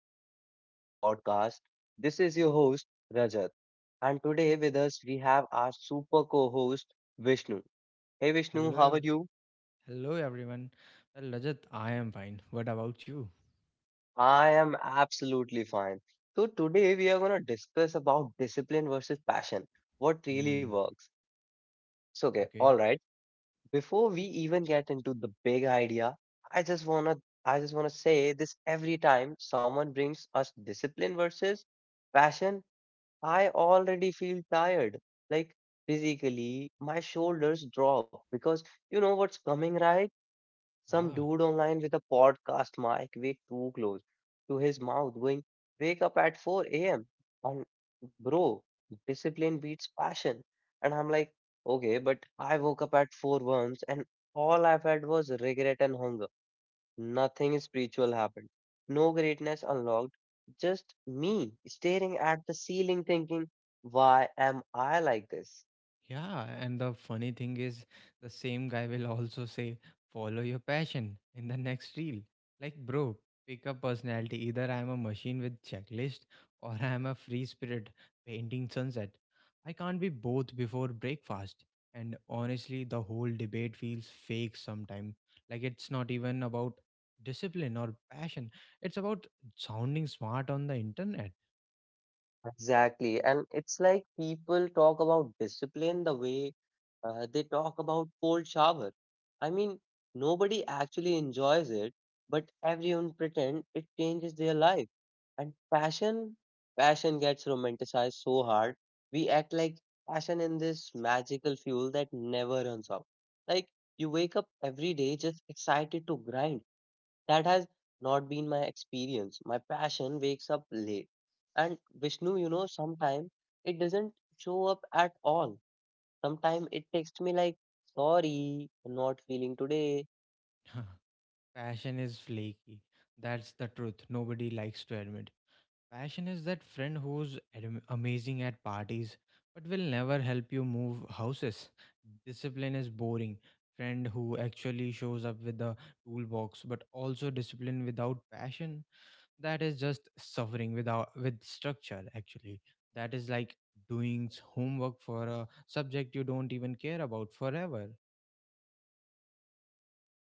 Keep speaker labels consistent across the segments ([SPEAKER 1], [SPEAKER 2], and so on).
[SPEAKER 1] back to another podcast. This is your host, Rajat. And today with us, we have our super co host, Vishnu. Hey, Vishnu,
[SPEAKER 2] Hello,
[SPEAKER 1] how are
[SPEAKER 2] ev-
[SPEAKER 1] you?
[SPEAKER 2] Hello everyone. Well, Rajat, I am fine. What about you?
[SPEAKER 1] I am absolutely fine. So, today we are going to discuss about discipline versus passion, what really
[SPEAKER 2] Mm,
[SPEAKER 1] works. So, okay, all
[SPEAKER 2] okay.
[SPEAKER 1] right. Before we even get into the big idea, I just want to I just want to say this every time someone brings us discipline versus passion, I already feel tired. Like physically, my shoulders drop because you know what's coming, right? Some
[SPEAKER 2] Ah,
[SPEAKER 1] dude online with a podcast mic way too close to his mouth going, wake up at 4 a.m. And bro, discipline beats passion. And I'm like, okay, but I woke up at 4 once and all I've had was regret and hunger. Nothing spiritual happened. No greatness unlocked. Just me staring at the ceiling thinking, why am I like this?
[SPEAKER 2] yeah, and the funny thing is, the same guy will also say, follow your passion in the next reel. Like, bro, pick a personality. Either I'm a machine with checklist or I'm a free spirit painting sunset. I can't be both before breakfast. And honestly, the whole debate feels fake sometimes. Like, it's not even about discipline or passion, it's about sounding smart on the internet.
[SPEAKER 1] Exactly. And it's like people talk about discipline the way they talk about cold shower. I mean, nobody actually enjoys it, but everyone pretend it changes their life. And passion gets romanticized so hard. We act like passion in this magical fuel that never runs out. Like you wake up every day just excited to grind. That has not been my experience. My passion wakes up late. And Vishnu, you know, sometimes it doesn't show up at all. Sometimes it texts me like, sorry, not feeling today.
[SPEAKER 2] Passion is flaky. That's the truth. Nobody likes to admit. Passion is that friend who's amazing at parties but will never help you move houses. Discipline is boring. Friend who actually shows up with a toolbox, but also discipline without passion. That is just suffering without with structure actually. That is like doing homework for a subject you don't even care about forever.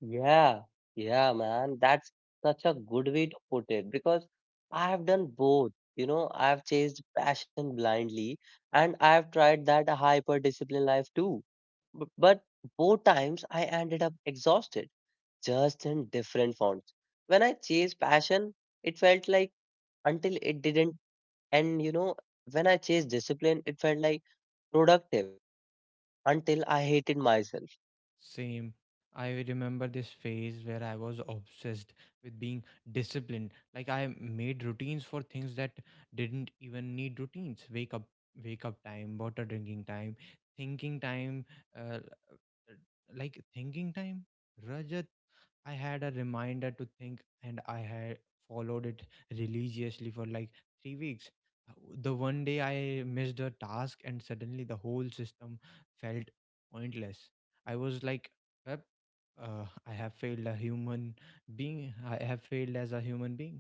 [SPEAKER 1] Yeah, yeah, man. That's such a good way to put it because I have done both. You know, I've chased passion blindly and I've tried that hyper disciplined life too. But both times I ended up exhausted just in different fonts. When I chased passion, it felt like until it didn't. And you know, when I chased discipline, it felt like productive until I hated myself.
[SPEAKER 2] Same. I remember this phase where I was obsessed with being disciplined. Like I made routines for things that didn't even need routines. Wake up time, water drinking time, thinking time, uh, uh, like thinking time. Rajat, I had a reminder to think, and I had followed it religiously for like 3 weeks. Uh, The one day I missed a task, and suddenly the whole system felt pointless. I was like, "Yep, I have failed a human being. I have failed as a human being."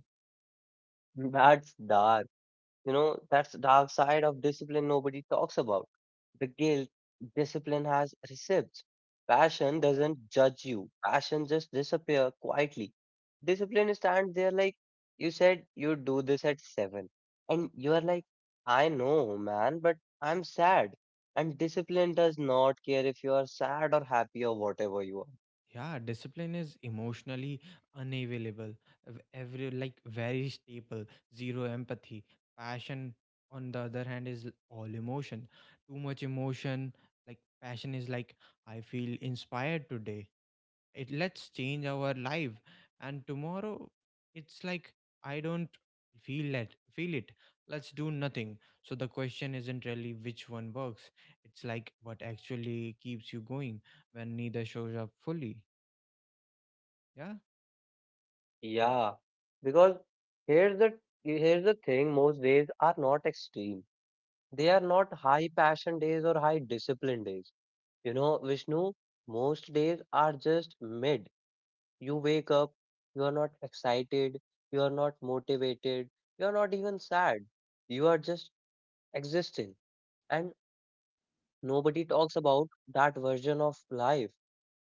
[SPEAKER 1] That's dark. You know, that's the dark side of discipline nobody talks about. The guilt discipline has receipts. Passion doesn't judge you. Passion just disappear quietly. Discipline stands there like you said you do this at seven. And you are like, I know, man, but I'm sad. And discipline does not care if you are sad or happy or whatever you are.
[SPEAKER 2] Yeah, discipline is emotionally unavailable. Every like very stable, zero empathy. Passion, on the other hand, is all emotion. Too much emotion, like passion is like, I feel inspired today, it, let's change our life, and tomorrow it's like, I don't feel it, let's do nothing. So the question isn't really which one works, it's like what actually keeps you going when neither shows up fully. Yeah, like,
[SPEAKER 1] Yeah. Because here's the here's the thing, most days are not extreme. They are not high passion days or high discipline days. You know, Vishnu, most days are just mid. You wake up, you are not excited, you are not motivated, you are not even sad. You are just existing. And nobody talks about that version of life.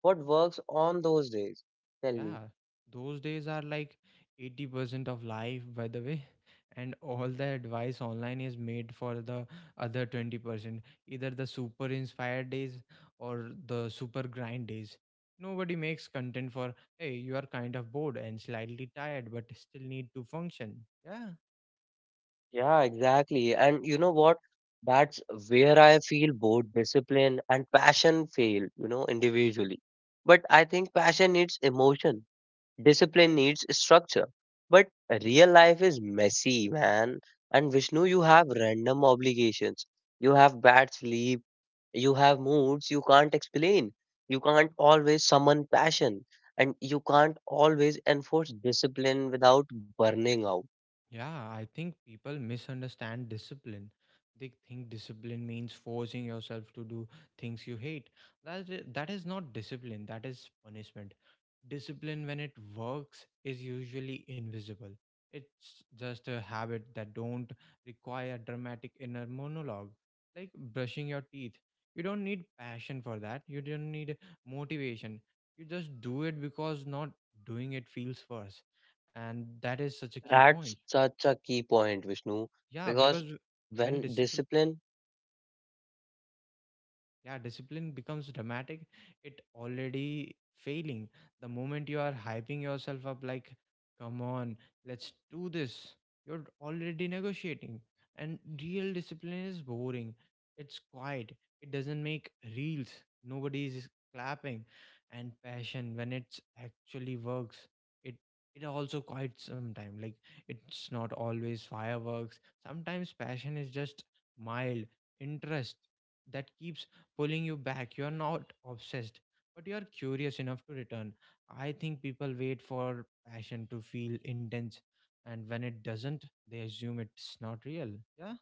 [SPEAKER 1] What works on those days? Tell me.
[SPEAKER 2] yeah, those days are like 80% of life, by the way. And all the advice online is made for the other 20%, either the super inspired days or the super grind days. Nobody makes content for, hey, you are kind of bored and slightly tired, but still need to function. Yeah.
[SPEAKER 1] Yeah, exactly. And you know what? That's where I feel both discipline and passion fail, you know, individually. But I think passion needs emotion, discipline needs structure. But real life is messy, man. And Vishnu, you have random obligations. You have bad sleep. You have moods you can't explain. You can't always summon passion. And you can't always enforce discipline without burning out.
[SPEAKER 2] Yeah, I think people misunderstand discipline. They think discipline means forcing yourself to do things you hate. That is not discipline, that is punishment. Discipline, when it works, is usually invisible. It's just a habit that don't require dramatic inner monologue, like brushing your teeth. You don't need passion for that. You don't need motivation. You just do it because not doing it feels worse. And that is such a key point,
[SPEAKER 1] That's such a key point, Vishnu,
[SPEAKER 2] yeah, because
[SPEAKER 1] because
[SPEAKER 2] when
[SPEAKER 1] when
[SPEAKER 2] discipline,
[SPEAKER 1] discipline,
[SPEAKER 2] yeah, discipline becomes dramatic, it already failing. The moment you are hyping yourself up like, come on, let's do this, you're already negotiating. And real discipline is boring, it's quiet, it doesn't make reels, nobody is clapping. And passion, when it's actually works, it it also quite sometime, like it's not always fireworks. Sometimes passion is just mild interest that keeps pulling you back. You are not obsessed, but you are curious enough to return. I think people wait for passion to feel intense, and when it doesn't, they assume it's not real. Yeah,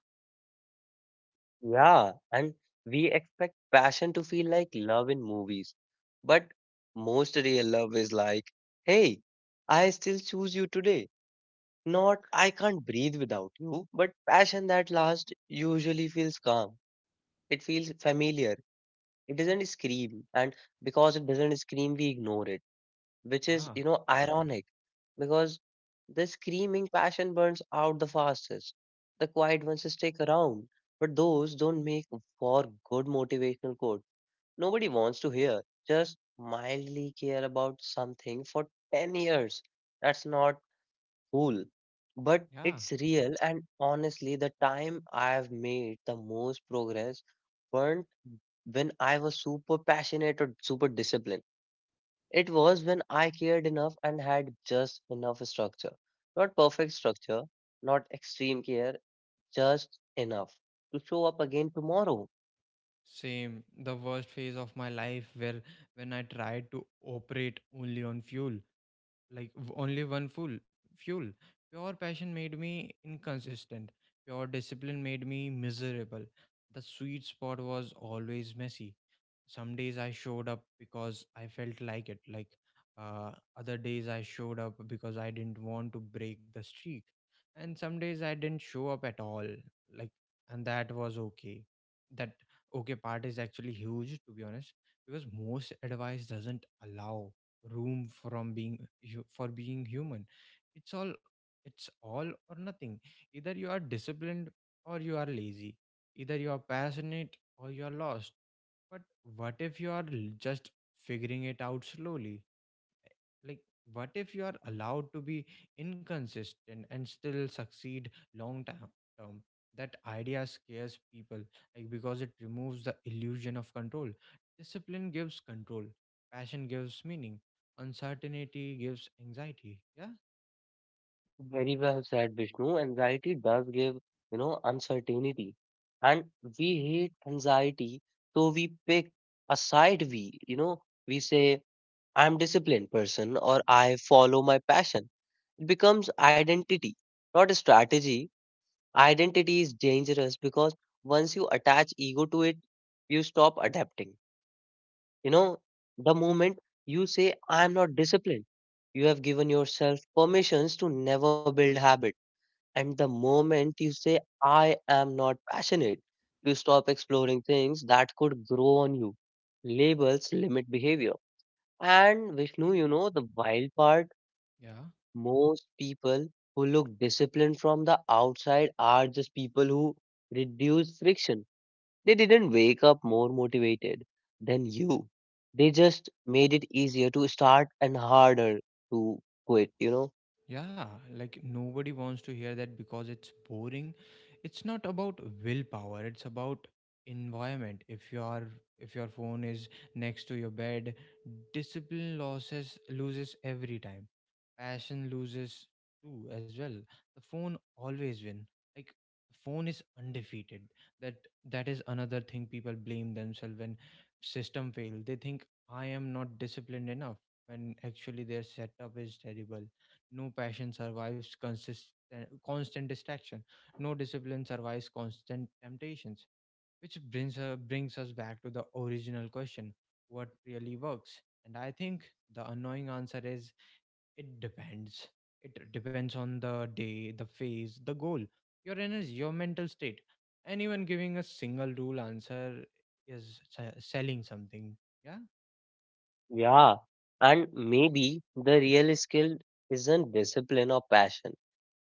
[SPEAKER 1] yeah, and we expect passion to feel like love in movies, but most real love is like, hey, I still choose you today. Not I can't breathe without you, but passion that lasts usually feels calm. It feels familiar. It doesn't scream, and because it doesn't scream, we ignore it. Which is,
[SPEAKER 2] yeah,
[SPEAKER 1] you know, ironic because the screaming passion burns out the fastest. The quiet ones stick around, but those don't make for good motivational quote. Nobody wants to hear. Just mildly care about something for 10 years. That's not cool, but
[SPEAKER 2] yeah.
[SPEAKER 1] it's real. And honestly, the time I've made the most progress weren't when I was super passionate or super disciplined. It was when I cared enough and had just enough structure. Not perfect structure, not extreme care, just enough to show up again tomorrow.
[SPEAKER 2] Same. The worst phase of my life where when I tried to operate only on fuel. Like only one full fuel, pure passion made me inconsistent, pure discipline made me miserable. The sweet spot was always messy. Some days I showed up because I felt like it. Like, uh, other days I showed up because I didn't want to break the streak, and some days I didn't show up at all. Like, and that was okay. That okay part is actually huge, to be honest, because most advice doesn't allow room from being for being human. It's all it's all or nothing. Either you are disciplined or you are lazy, either you are passionate or you are lost. But what if you are just figuring it out slowly? Like, what if you are allowed to be inconsistent and still succeed long term? That idea scares people, like, because it removes the illusion of control. Discipline gives control, passion gives meaning, uncertainty gives anxiety. Yeah.
[SPEAKER 1] Very well said, Vishnu. Anxiety does give, you know, uncertainty. And we hate anxiety, so we pick a side we, you know, we say, I'm disciplined person or I follow my passion. It becomes identity, not a strategy. Identity is dangerous because once you attach ego to it, you stop adapting. You know, the moment you say, I'm not disciplined, you have given yourself permissions to never build habit. And the moment you say, I am not passionate, you stop exploring things that could grow on you. Labels limit behavior. And Vishnu, you know, the wild part,
[SPEAKER 2] Yeah.
[SPEAKER 1] most people who look disciplined from the outside are just people who reduce friction. They didn't wake up more motivated than you. They just made it easier to start and harder to quit, you know?
[SPEAKER 2] Yeah, like nobody wants to hear that because it's boring. It's not about willpower, it's about environment. If your phone is next to your bed, discipline loses every time. Passion loses too as well. The phone always win. Like, the phone is undefeated. That that is another thing, people blame themselves when system fail. They think I am not disciplined enough when actually their setup is terrible. No passion survives consistent, constant distraction. No discipline survives constant temptations. Which brings us back to the original question, what really works? And I think the annoying answer is, it depends. It depends on the day, the phase, the goal, your energy, your mental state. Anyone giving a single rule answer is selling something. Yeah.
[SPEAKER 1] Yeah. And maybe the real skill isn't discipline or passion.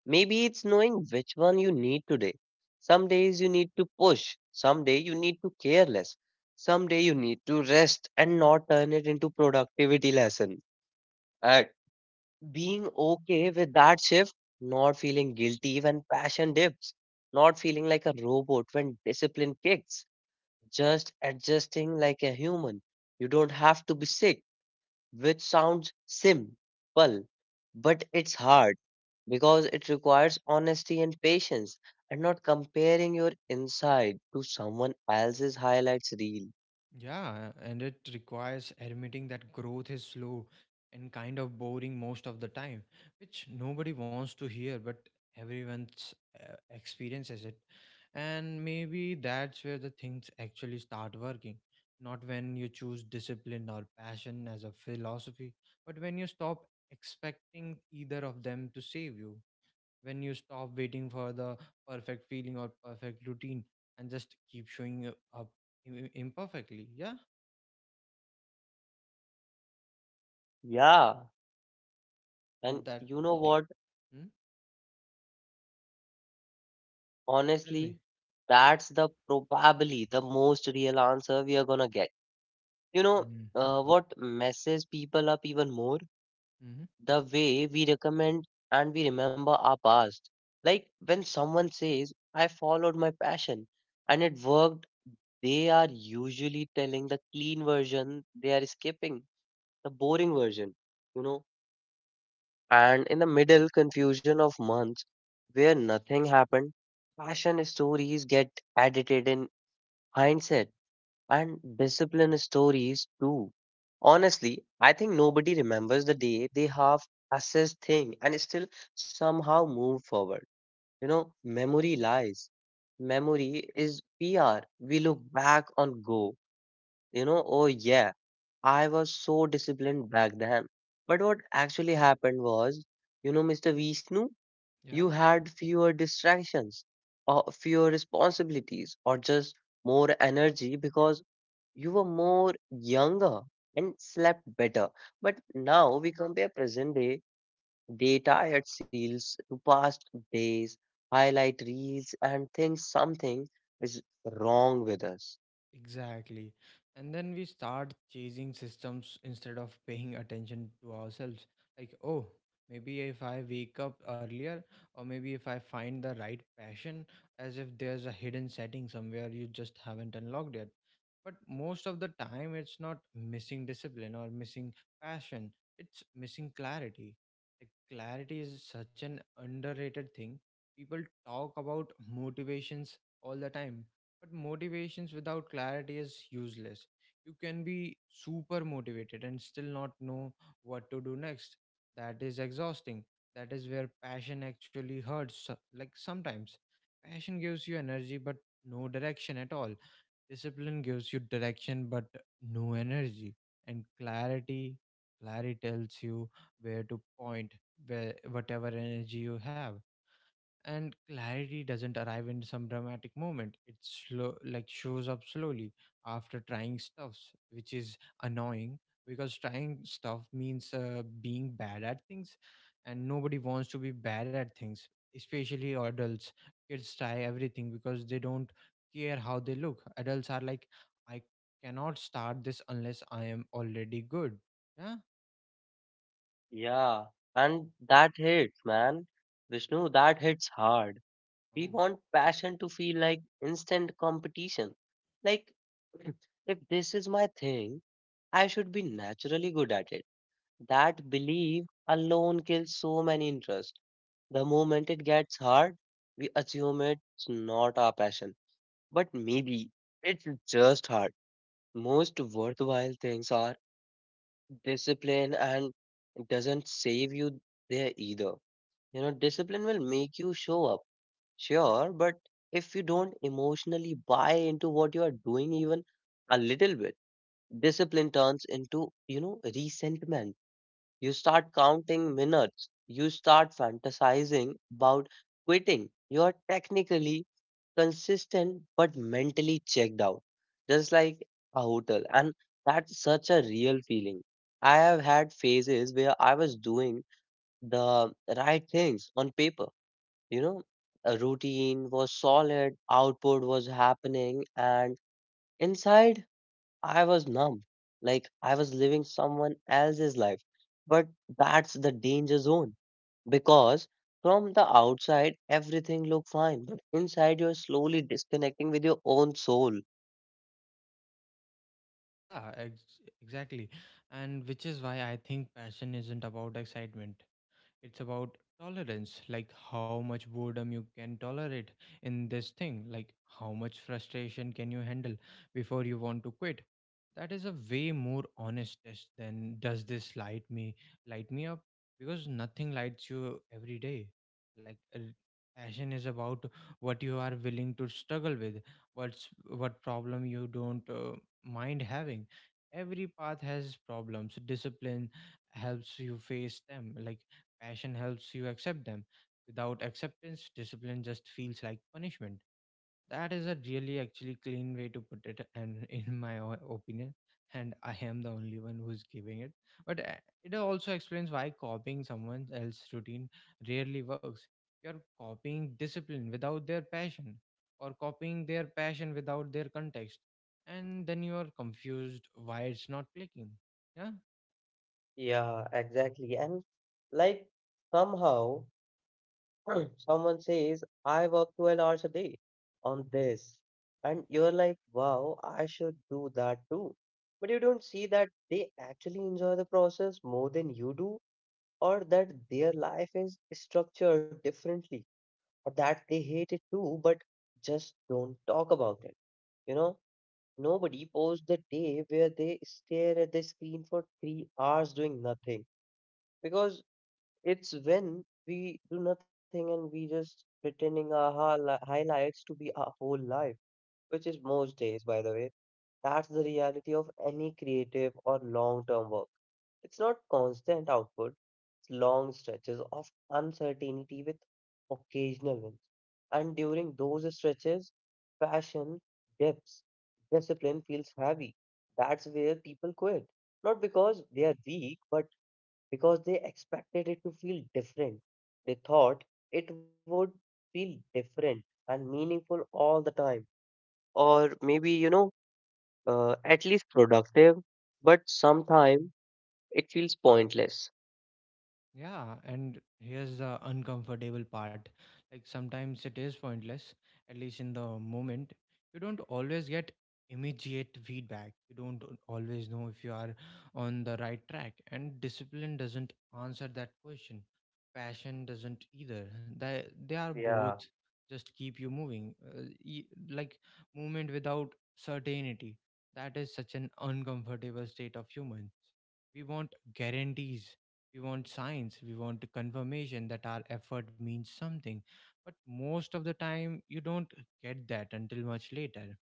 [SPEAKER 1] Maybe it's knowing which one you need today. Some days you need to push, some day you need to care less, some day you need to rest and not turn it into productivity lesson. And being okay with that shift, not feeling guilty when passion dips, not feeling like a robot when discipline kicks, just adjusting like a human. You don't have to be sick, which sounds simple, but it's hard because it requires honesty and patience and not comparing your inside to someone else's highlights reel.
[SPEAKER 2] Yeah, and it requires admitting that growth is slow and kind of boring most of the time, which nobody wants to hear, but everyone's experiences it. And maybe that's where the things actually start working. Not when you choose discipline or passion as a philosophy, but when you stop expecting either of them to save you, when you stop waiting for the perfect feeling or perfect routine and just keep showing up imperfectly. Yeah,
[SPEAKER 1] Yeah, and
[SPEAKER 2] and that,
[SPEAKER 1] you know
[SPEAKER 2] I-
[SPEAKER 1] what?
[SPEAKER 2] Hmm? Tell me.
[SPEAKER 1] Honestly, that's the probably the most real answer we are gonna get. You know,
[SPEAKER 2] Mm-hmm.
[SPEAKER 1] what messes people up even more? The way we recommend and we remember our past. Like when someone says, I followed my passion and it worked, they are usually telling the clean version, they are skipping the boring version, you know. And in the middle confusion of months where nothing happened, passion stories get edited in hindsight and discipline stories too. Honestly, I think nobody remembers the day they half assess thing and still somehow move forward. You know, memory lies. Memory is PR. We look back on go, you know, oh yeah, I was so disciplined back then. But what actually happened was, you know, Mr. Vishnu,
[SPEAKER 2] Yeah,
[SPEAKER 1] you had fewer distractions or fewer responsibilities or just more energy because you were more younger and slept better. But now we compare present day tired seals to past days, highlight reels, and think something is wrong with us.
[SPEAKER 2] exactly. And then we start chasing systems instead of paying attention to ourselves. Like, oh, maybe if I wake up earlier, or maybe if I find the right passion, as if there's a hidden setting somewhere you just haven't unlocked yet. But most of the time, it's not missing discipline or missing passion, it's missing clarity. Like, clarity is such an underrated thing. People talk about motivations all the time, but motivations without clarity is useless. You can be super motivated and still not know what to do next. That is exhausting. That is where passion actually hurts. Like, sometimes passion gives you energy, but no direction at all. Discipline gives you direction but no energy, and clarity tells you where to point where whatever energy you have. And clarity doesn't arrive in some dramatic moment, it slow, like, shows up slowly after trying stuffs, which is annoying, because trying stuff means being bad at things, and nobody wants to be bad at things, especially adults. Kids try everything because they don't care how they look. Adults are like, I cannot start this unless I am already good. Yeah.
[SPEAKER 1] Yeah, and that hits, man. Vishnu, that hits hard. We
[SPEAKER 2] Oh.
[SPEAKER 1] want passion to feel like instant competition. Like, if this is my thing, I should be naturally good at it. That belief alone kills so many interests. The moment it gets hard, we assume it's not our passion. But maybe it's just hard. Most worthwhile things are discipline and it doesn't save you there either. You know, discipline will make you show up, sure, but if you don't emotionally buy into what you are doing even a little bit, discipline turns into, you know, resentment. You start counting minutes. You start fantasizing about quitting. You are technically consistent but mentally checked out, just like a hotel. And that's such a real feeling. I have had phases where I was doing the right things on paper, you know, a routine was solid, output was happening, and inside I was numb, like I was living someone else's life. But that's the danger zone because from the outside everything look fine, but inside you're slowly disconnecting with your own soul.
[SPEAKER 2] Yeah, exactly. And which is why I think passion isn't about excitement. It's about tolerance, like how much boredom you can tolerate in this thing, like how much frustration can you handle before you want to quit. That is a way more honest test than, does this light me up, because nothing lights you every day. Like, passion is about what you are willing to struggle with, what's what problem you don't mind having. Every path has problems. Discipline helps you face them, like, passion helps you accept them. Without acceptance, discipline just feels like punishment. That is a really actually clean way to put it, and in my opinion, and I am the only one who's giving it. But it also explains why copying someone else's routine rarely works. You're copying discipline without their passion, or copying their passion without their context, and then you are confused why it's not clicking. Yeah.
[SPEAKER 1] Yeah, exactly. And like somehow someone says, I work 12 hours a day on this. And you're like, wow, I should do that too. But you don't see that they actually enjoy the process more than you do, or that their life is structured differently or that they hate it too but just don't talk about it, you know. Nobody posts the day where they stare at the screen for 3 hours doing nothing, because it's when we do nothing and we just pretending our hal- highlights to be our whole life, which is most days by the way. That's the reality of any creative or long term work. It's not constant output, long stretches of uncertainty with occasional wins. And during those stretches, passion dips, discipline feels heavy. That's where people quit. Not because they are weak, but because they expected it to feel different. They thought it would feel different and meaningful all the time. Or maybe, you know, at least productive, but sometimes it feels pointless.
[SPEAKER 2] Yeah, and here's the uncomfortable part. Like, sometimes it is pointless, at least in the moment. You don't always get immediate feedback. You don't always know if you are on the right track, and discipline doesn't answer that question. Passion doesn't either. They are
[SPEAKER 1] Yeah.
[SPEAKER 2] both just keep you moving. Like movement without certainty. That is such an uncomfortable state of humans. We want guarantees, we want science, we want the confirmation that our effort means something. But most of the time, you don't get that until much later,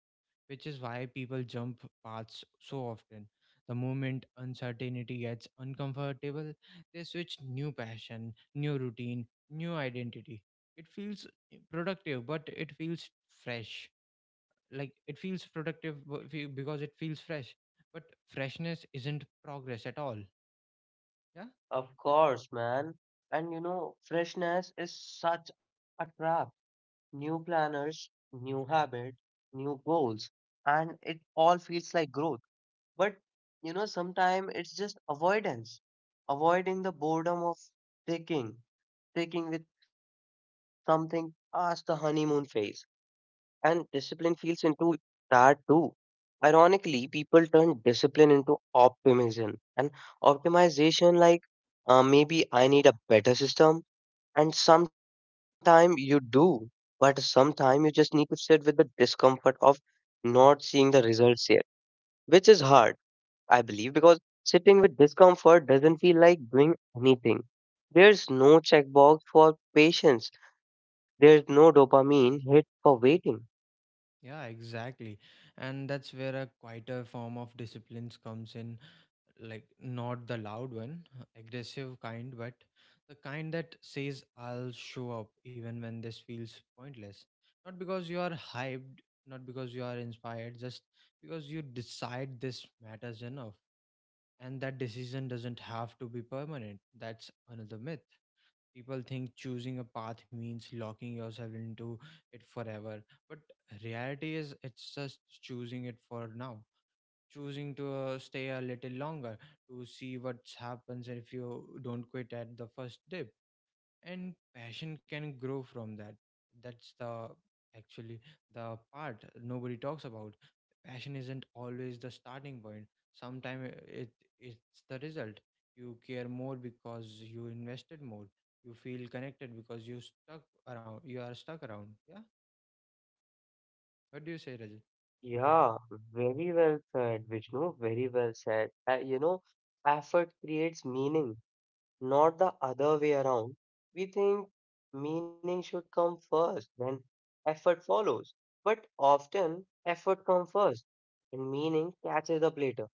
[SPEAKER 2] which is why people jump paths so often. The moment uncertainty gets uncomfortable, they switch, new passion, new routine, new identity. It feels productive, but it feels fresh. Like, it feels productive because it feels fresh, but freshness isn't progress at all. Yeah.
[SPEAKER 1] Of course, man. And you know, freshness is such a trap. New planners, new habit, new goals, and it all feels like growth. But you know, sometimes it's just avoidance, avoiding the boredom of taking, taking with something past the honeymoon phase. And discipline feels into that too. Ironically, people turn discipline into optimism and optimization, like maybe I need a better system. And sometime you do, but sometime you just need to sit with the discomfort of not seeing the results yet, which is hard, I believe, because sitting with discomfort doesn't feel like doing anything. There's no checkbox for patience, there's no dopamine hit for waiting.
[SPEAKER 2] Yeah, exactly. And that's where a quieter form of disciplines comes in, like not the loud, one, aggressive kind, but the kind that says, I'll show up even when this feels pointless. Not because you are hyped, not because you are inspired, just because you decide this matters enough. And that decision doesn't have to be permanent. That's another myth. People think choosing a path means locking yourself into it forever, but reality is it's just choosing it for now. Choosing to stay a little longer to see what happens if you don't quit at the first dip, and passion can grow from that. That's actually the part nobody talks about. Passion isn't always the starting point. Sometimes it's the result. You care more because you invested more. You feel connected because you stuck around, yeah. What do you say, Rajat?
[SPEAKER 1] Yeah, very well said, Vishnu. Very well said. Effort creates meaning, not the other way around. We think meaning should come first, then effort follows. But often, effort comes first, and meaning catches up later.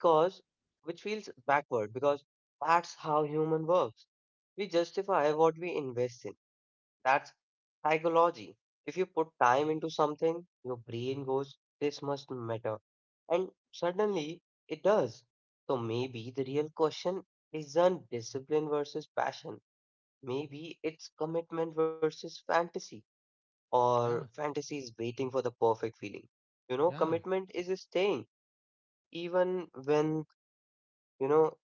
[SPEAKER 1] Because, which feels backward, because that's how human works. We justify what we invest in. That's psychology. If you put time into something, your brain goes, this must matter. And suddenly it does. So maybe the real question isn't discipline versus passion. Maybe it's commitment versus fantasy, or
[SPEAKER 2] Yeah,
[SPEAKER 1] fantasy is waiting for the perfect feeling. You know,
[SPEAKER 2] yeah.
[SPEAKER 1] commitment is staying even you know,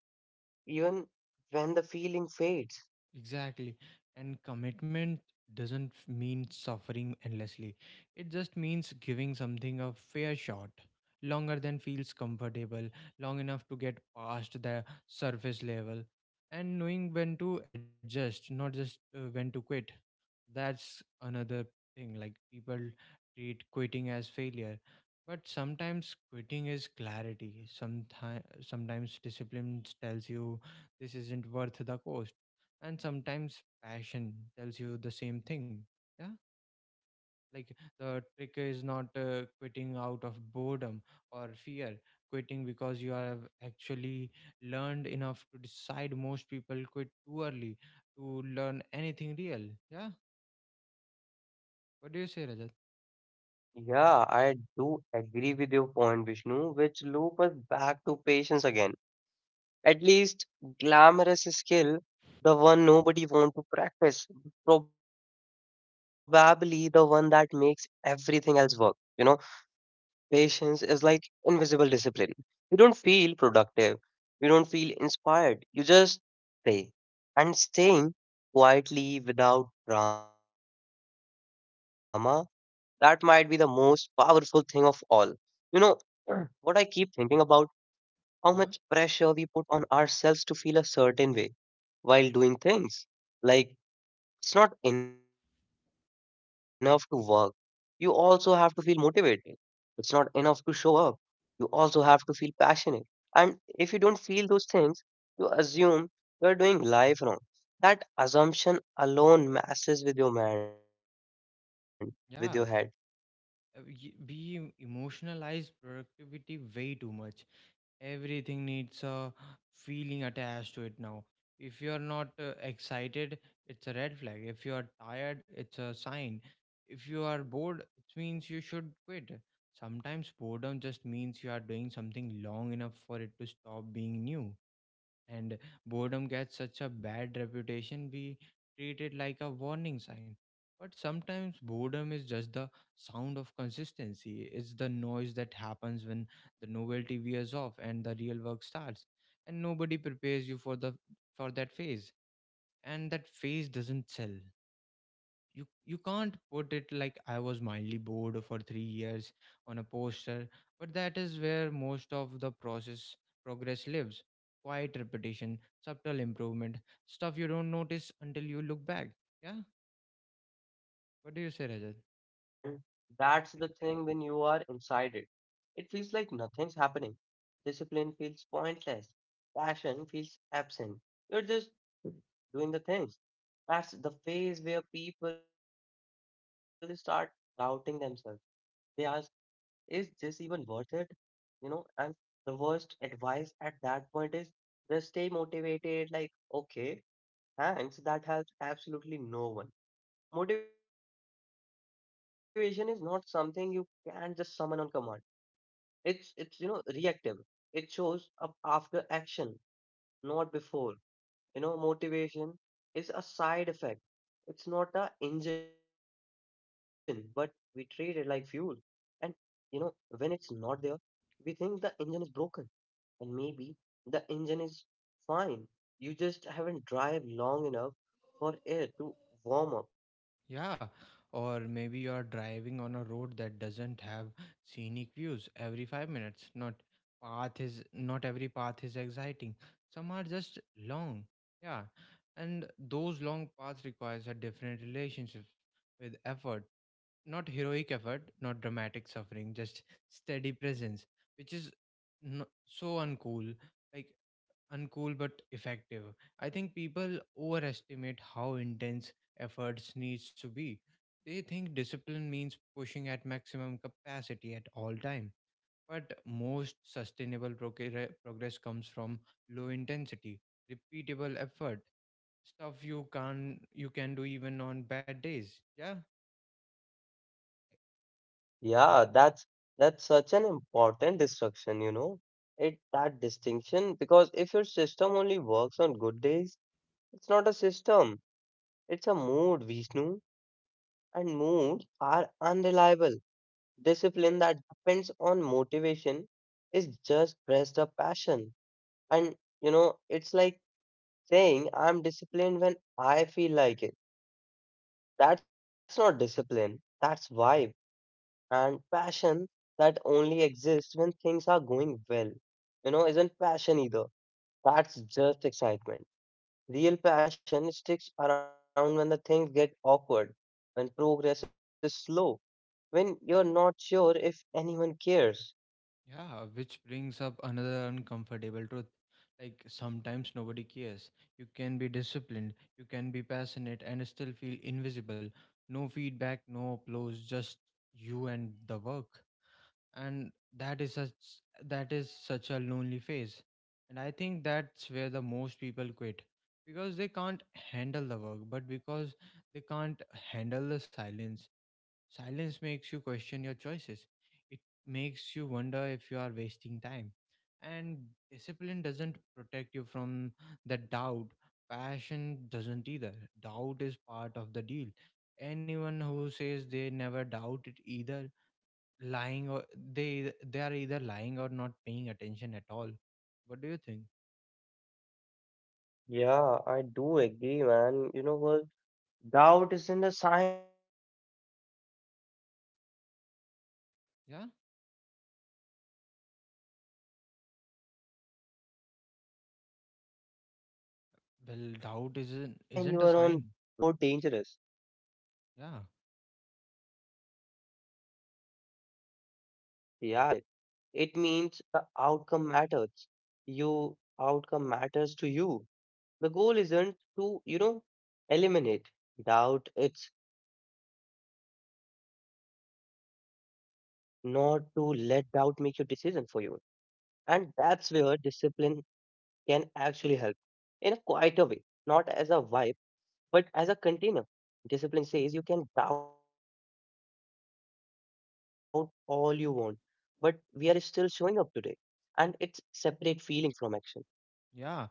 [SPEAKER 1] even when the feeling fades.
[SPEAKER 2] Exactly. And commitment doesn't mean suffering endlessly. It just means giving something a fair shot, longer than feels comfortable, long enough to get past the surface level, and knowing when to adjust, not just when to quit. That's another thing. Like, people treat quitting as failure, but sometimes quitting is clarity. Sometimes discipline tells you this isn't worth the cost, and sometimes passion tells you the same thing. Yeah, like the trick is not quitting out of boredom or fear. Quitting because you have actually learned enough to decide. Most people quit too early to learn anything real. Yeah. What do you say, Rajat?
[SPEAKER 1] Yeah, I do agree with your point, Vishnu, which loop us back to patience again. At least glamorous skill, the one nobody want to practice, probably the one that makes everything else work. You know, patience is like invisible discipline. You don't feel productive, you don't feel inspired, you just stay. And staying quietly without drama, that might be the most powerful thing of all. You know, what I keep thinking about, how much
[SPEAKER 2] Yeah,
[SPEAKER 1] pressure we put on ourselves to feel a certain way while doing things. Like, it's not enough to work. You also have to feel motivated. It's not enough to show up. You also have to feel passionate. And if you don't feel those things, you assume you're doing life wrong. That assumption alone messes with your mind, with your head.
[SPEAKER 2] yeah. We emotionalize productivity way too much. Everything needs a feeling attached to it now. If you're not excited, it's a red flag. If you are tired, it's a sign. If you are bored, it means you should quit. Sometimes boredom just means you are doing something long enough for it to stop being new. And boredom gets such a bad reputation. We treat it like a warning sign, but sometimes boredom is just the sound of consistency. It's the noise that happens when the novelty wears off and the real work starts, and nobody prepares you for the for that phase. And that phase doesn't sell. You can't put it like, I was mildly bored for 3 years, on a poster. But that is where most of the process progress lives. Quiet repetition, subtle improvement, stuff you don't notice until you look back. Yeah. What
[SPEAKER 1] Yeah,
[SPEAKER 2] do you
[SPEAKER 1] and
[SPEAKER 2] say, Rajat?
[SPEAKER 1] that's the thing when you are inside it. It feels like nothing's happening. Discipline feels pointless. Passion feels absent. You're just doing the things. That's the phase where people start doubting themselves. They ask, is this even worth it? You know, and the worst advice at that point is just stay motivated, like, okay, thanks. That helps absolutely no one. Motivation is not something you can just summon on command. It's you know reactive. It shows up after action, not before. You know, motivation is a side effect. It's not a engine, but we treat it like fuel. And you know, when it's not there, we think the engine is broken. And maybe the engine is fine. You just haven't drive long enough for air to warm up.
[SPEAKER 2] Yeah, or maybe you are driving on a road that doesn't have scenic views every 5 minutes. Not every path is exciting. Some are just long. Yeah. And those long paths requires a different relationship with effort. Not heroic effort, not dramatic suffering, just steady presence, which is no, so uncool. Like, uncool but effective. I think people overestimate how intense efforts needs to be. They think discipline means pushing at maximum capacity at all time. But most sustainable progress comes from low intensity, repeatable effort, stuff you can do even on bad days. Yeah.
[SPEAKER 1] Yeah, that's such an important distinction, you know. It that distinction, because if your system only works on good days, it's not a system. It's a mood, Vishnu. And moods are unreliable. Discipline that depends on motivation is just pressed a passion. And you know, it's like saying I'm disciplined when I feel like it. That's not discipline. That's vibe. And passion that only exists when things are going well, you know, isn't passion either. That's just excitement. Real passion sticks around when the things get awkward, when progress is slow, when you're not sure if anyone cares.
[SPEAKER 2] Yeah, which brings up another uncomfortable truth. Like, sometimes nobody cares. You can be disciplined, you can be passionate, and still feel invisible. No feedback, no applause, just you and the work. And that is such that is such a lonely phase. And I think that's where the most people quit, because they can't handle the work, but because they can't handle the silence. Silence makes you question your choices. It makes you wonder if you are wasting time. And discipline doesn't protect you from that doubt. Passion doesn't either. Doubt is part of the deal. Anyone who says they never doubt it either lying or they are either lying or not paying attention at all. What do you think?
[SPEAKER 1] Yeah, I do agree, man. You know what? Doubt isn't a sign you are on wrong path. It's a sign you care.
[SPEAKER 2] Yeah?
[SPEAKER 1] Indifference is more dangerous. You know, if you stop caring entirely, that's when you should worry.
[SPEAKER 2] Well, doubt
[SPEAKER 1] And
[SPEAKER 2] isn't a sign. Yeah.
[SPEAKER 1] yeah, it's not. And doubt means you are invested. It means the outcome matters. You, outcome matters to you. The goal isn't to, you know, eliminate doubt. It's not to let doubt make your decision for you. And that's where discipline can actually help in a quieter way, not as a vibe, but as a container. Discipline says you can doubt all you want, but we are still showing up today. And it's separate feeling from action.
[SPEAKER 2] Yeah,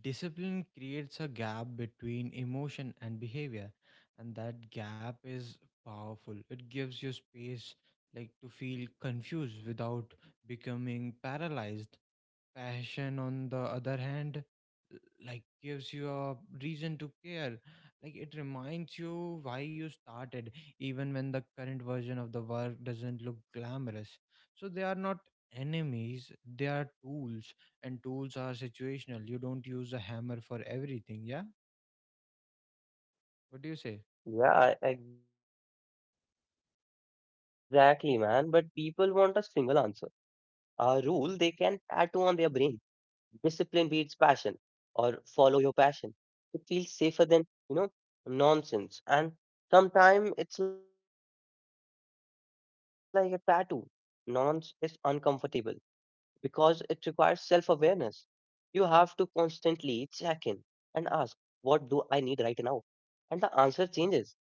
[SPEAKER 2] discipline creates a gap between emotion and behavior, and that gap is powerful. It gives you space, like, to feel confused without becoming paralyzed. Passion, on the other hand, l- like gives you a reason to care. Like, it reminds you why you started, even when the current version of the work doesn't look glamorous. So they are not enemies, they are tools, and tools are situational. You don't use a hammer for everything, yeah? What do you say?
[SPEAKER 1] Yeah, exactly, man. But people want a single answer. A rule they can tattoo on their brain. Discipline beats passion, or follow your passion. It feels safer than, you know, nonsense. And sometimes it's like a tattoo. Nonsense is uncomfortable because it requires self awareness. You have to constantly check in and ask, what do I need right now? And the answer changes. You know,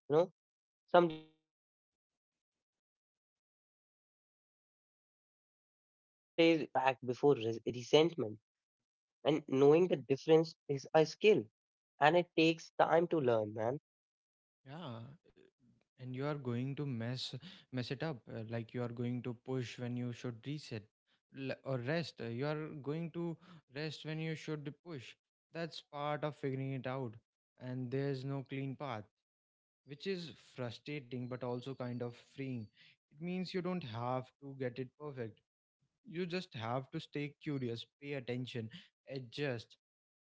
[SPEAKER 1] some days you need to push through resistance. Other days you need to step back before resentment. And knowing the difference is a skill, and it takes time to learn, man.
[SPEAKER 2] Yeah, and you are going to mess it up. Like, you are going to push when you should reset or rest. You are going to rest when you should push. That's part of figuring it out, and there's no clean path, which is frustrating but also kind of freeing. It means you don't have to get it perfect. You just have to stay curious, pay attention, adjust,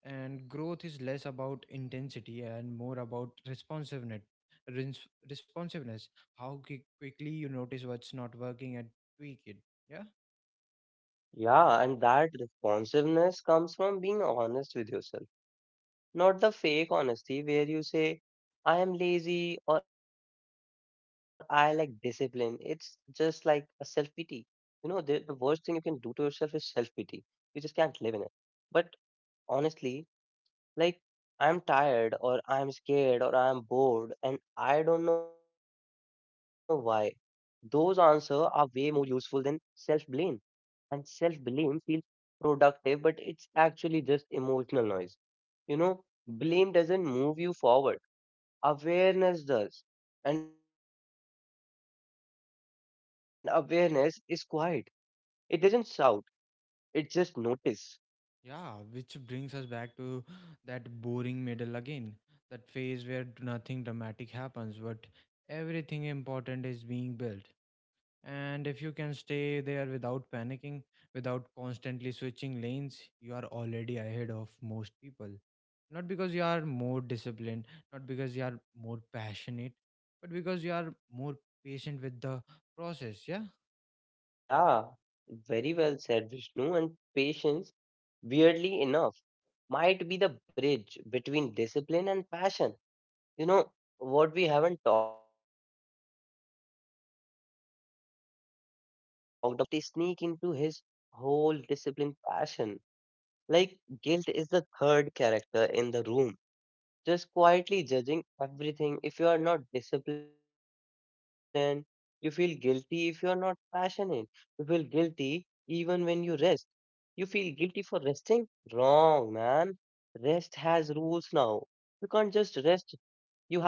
[SPEAKER 2] and growth is less about intensity and more about responsiveness, how quickly you notice what's not working and tweak it. Yeah.
[SPEAKER 1] Yeah, and that responsiveness comes from being honest with yourself. Not the fake honesty where you say, I am lazy or I lack discipline. It's just like a self pity. You know, the worst thing you can do to yourself is self pity. You just can't live in it. But honestly, like, I'm tired or I'm scared or I'm bored and I don't know why. Those answers are way more useful than self blame, and self blame feels productive, but it's actually just emotional noise. You know, blame doesn't move you forward, awareness does. And awareness is quiet, it doesn't shout, it just notice.
[SPEAKER 2] Yeah, which brings us back to that boring middle again, that phase where nothing dramatic happens but everything important is being built. And if you can stay there without panicking, without constantly switching lanes, you are already ahead of most people. Not because you are more disciplined, not because you are more passionate, but because you are more patient with the process. Yeah.
[SPEAKER 1] Yeah, very well said, Vishnu. And patience, weirdly enough, might be the bridge between discipline and passion. You know, what we haven't talked about yet, the way guilt sneak into his whole discipline passion. Like guilt is the third character in the room, just quietly judging everything. If you are not disciplined, you feel guilty. If you are not passionate, you feel guilty even when you rest. You feel guilty for resting? Wrong, man. Rest has rules now. You can't just rest,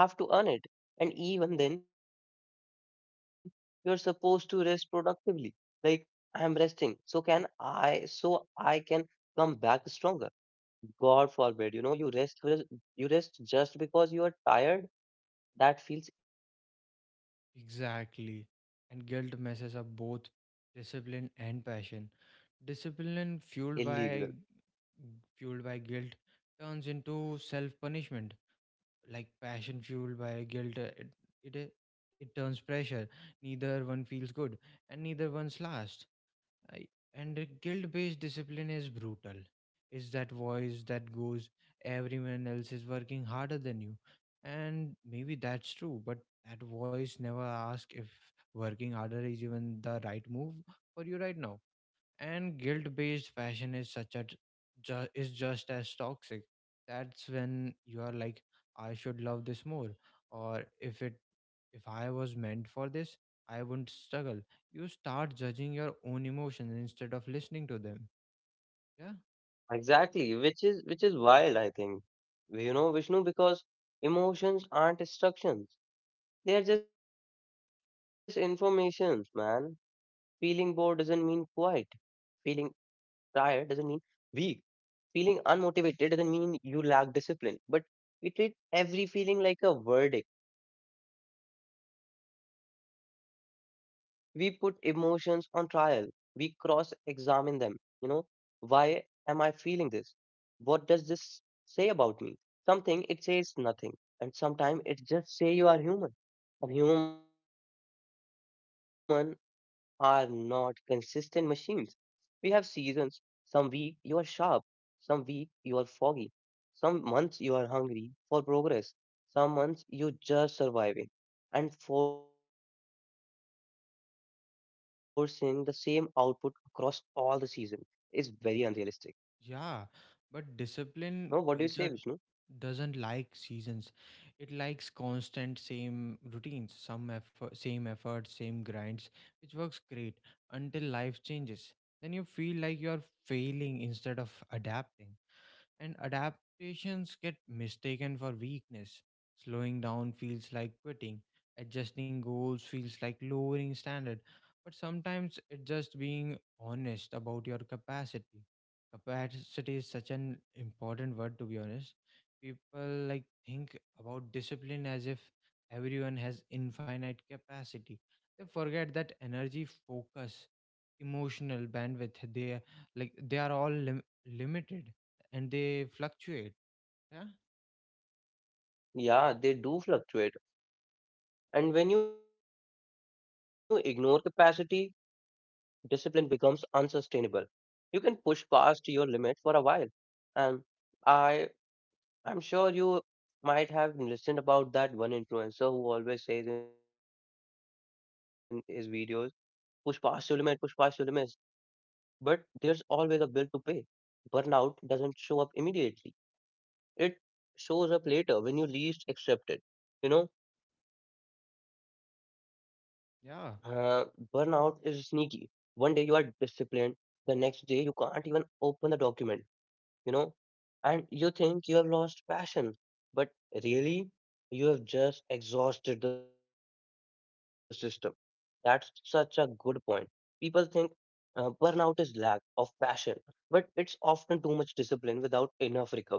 [SPEAKER 1] you have to earn it. And even then, you're supposed to rest productively. Like, I'm resting. So I can come back stronger. God forbid, you know, you rest, you rest just because you are tired. That feels illegal.
[SPEAKER 2] Exactly. And guilt messes up both discipline and passion. Discipline fueled by guilt turns into self punishment. Like, passion fueled by guilt, it it, it turns pressure. Neither one feels good, and neither one's last. I, and guild based discipline is brutal. It's that voice that goes, everyone else is working harder than you. And maybe that's true, but that voice never asks if working harder is even the right move for you right now. And guilt-based fashion is such a is just as toxic. That's when you are like, I should love this more, or if I was meant for this, I wouldn't struggle. You start judging your own emotions instead of listening to them. Yeah.
[SPEAKER 1] Exactly, which is wild, I think. You know, Vishnu, because emotions aren't instructions. They are just informations, man. Feeling bored doesn't mean quiet. Feeling tired doesn't mean weak. Feeling unmotivated doesn't mean you lack discipline, but we treat every feeling like a verdict. We put emotions on trial. We cross examine them. You know, why am I feeling this? What does this say about me? Something it says nothing. And sometimes it just say you are human. And human are not consistent machines. We have seasons. Some week you are sharp, some week you are foggy, some months you are hungry for progress, some months you just surviving. And forcing the same output across all the season is very unrealistic. No, what do
[SPEAKER 2] Yeah,
[SPEAKER 1] you say, Vishnu?
[SPEAKER 2] but discipline culture doesn't like seasons. It likes constant same routines, some effort, same grinds, which works great until life changes. Then you feel like you are failing instead of adapting, and adaptations get mistaken for weakness. Slowing down feels like quitting, adjusting goals feels like lowering standard, but sometimes it's just being honest about your capacity. Capacity is such an important word, to be honest. People like think about discipline as if everyone has infinite capacity. They forget that energy, focus, emotional bandwidth, they like they are all limited and they fluctuate. Yeah,
[SPEAKER 1] Yeah, they do fluctuate. And when you ignore capacity, discipline becomes unsustainable. You can push past your limit for a while. And I I'm sure you might have listened about that one influencer who always says in his videos, push past your limit, push past your limits. But there's always a bill to pay. Burnout doesn't show up immediately. It shows up later when you least accept it. You know, uh, burnout is
[SPEAKER 2] yeah,
[SPEAKER 1] sneaky. One day you are disciplined, the next day you can't even open the document. You know, and you think you have lost passion, but really you have just exhausted the system. That's such a good point. People think burnout is lack of passion, but it's often too much discipline without enough recovery.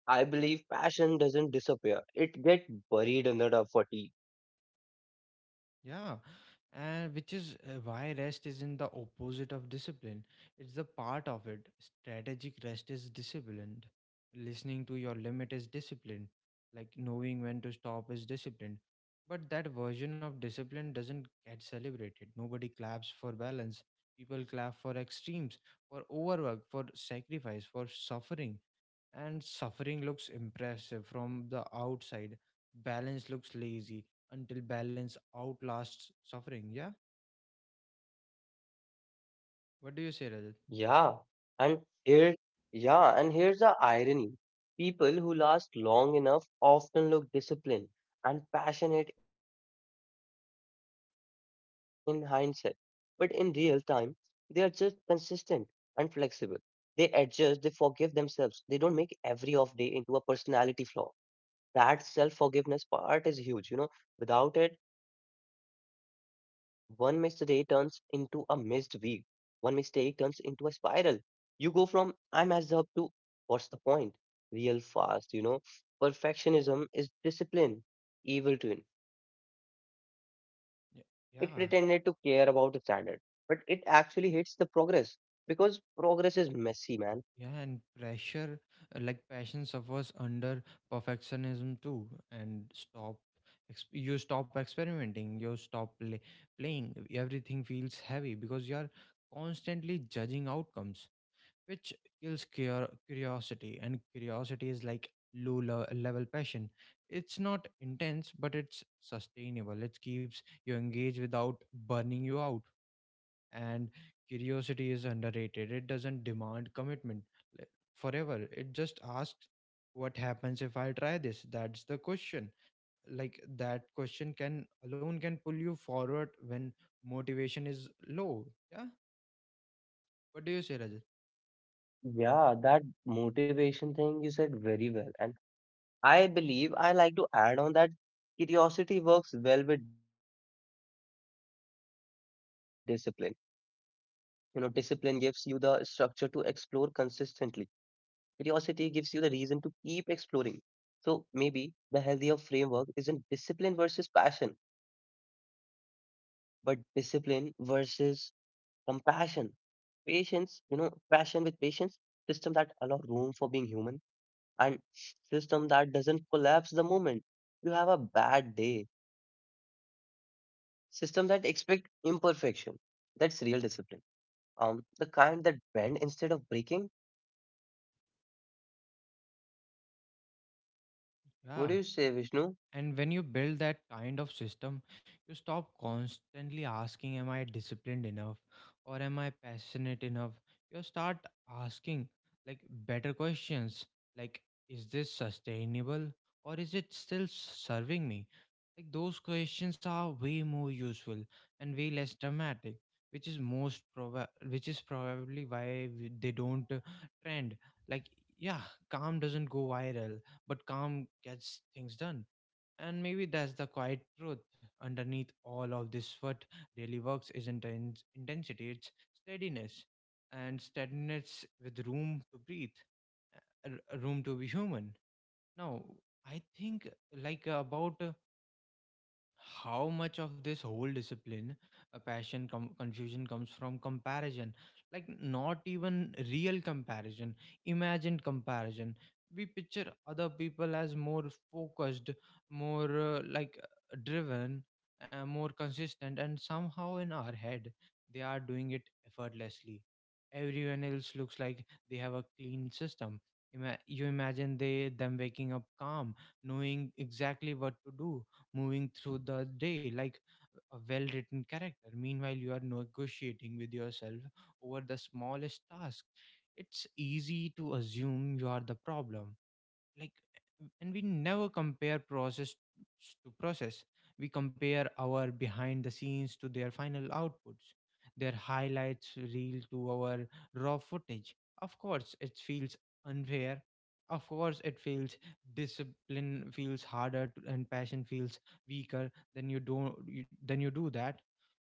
[SPEAKER 1] I believe passion doesn't disappear, it gets buried under the fatigue.
[SPEAKER 2] yeah. And which is why rest isn't the opposite of discipline, it's the part of it. Strategic rest is disciplined, listening to your limit is disciplined, like, knowing when to stop is disciplined. But that version of discipline doesn't get celebrated. Nobody claps for balance. People clap for extremes, for overwork, for sacrifice, for suffering. And suffering looks impressive from the outside. Balance looks lazy until balance outlasts suffering. Yeah. What do you say, Rajat?
[SPEAKER 1] Yeah, and here, yeah, and here's the irony. People who last long enough often look disciplined and passionate in hindsight, but in real time, they are just consistent and flexible. They adjust, they forgive themselves, they don't make every off day into a personality flaw. That self forgiveness part is huge. You know, without it, one missed day turns into a missed week. One mistake turns into a spiral. You go from I messed up to what's the point? Real fast, you know. Perfectionism is discipline, evil twin. It pretended to care about
[SPEAKER 2] Y-
[SPEAKER 1] the standard,
[SPEAKER 2] Yeah.
[SPEAKER 1] but it actually hates the progress because progress is messy, man.
[SPEAKER 2] Yeah. And pressure, like passion, suffers under perfectionism too, and stop. You stop experimenting. You stop playing. Everything feels heavy because you are constantly judging outcomes, which kills curiosity. And curiosity is like low level passion. It's not intense, but it's sustainable. It keeps you engaged without burning you out. And curiosity is underrated. It doesn't demand commitment l- forever. It just asks, what happens if I try this? That's the question. Like, that question can alone can pull you forward when motivation is low. Yeah. What do you say, Rajat?
[SPEAKER 1] Yeah, that motivation thing you said very well. And I believe I like to add on that curiosity works well with discipline. You know, discipline gives you the structure to explore consistently. Curiosity gives you the reason to keep exploring. So maybe the healthier framework isn't discipline versus passion, but discipline versus compassion. Patience, you know, passion with patience, system that allow room for being human, and system that doesn't collapse the moment you have a bad day, system that expect imperfection, that's real discipline. Um, the kind that bend instead of breaking. What
[SPEAKER 2] Yeah.
[SPEAKER 1] do you say, Vishnu?
[SPEAKER 2] And when you build that kind of system, you stop constantly asking, am I disciplined enough? Or am I passionate enough? You start asking, like, better questions. Like, is this sustainable? Or is it still serving me? Like, those questions are way more useful and way less dramatic, which is which is probably why they don't trend. Like, yeah, calm doesn't go viral, but calm gets things done. And maybe that's the quiet truth. Underneath all of this, what really works isn't the intensity, it's steadiness. And steadiness with room to breathe, a room to be human. Now, I think like about how much of this whole discipline a passion confusion comes from comparison. Like, not even real comparison, imagined comparison. We picture other people as more focused, more like driven, more consistent, and somehow in our head they are doing it effortlessly. Everyone else looks like they have a clean system. You imagine they them waking up calm, knowing exactly what to do, moving through the day like a well written character. Meanwhile, you are negotiating with yourself over the smallest task. It's easy to assume you are the problem, like, and we never compare process to process. We compare our behind the scenes to their final outputs, their highlights reel to our raw footage. Of course it feels unfair, of course it feels— discipline feels harder to, and passion feels weaker than you don't you, than you do that.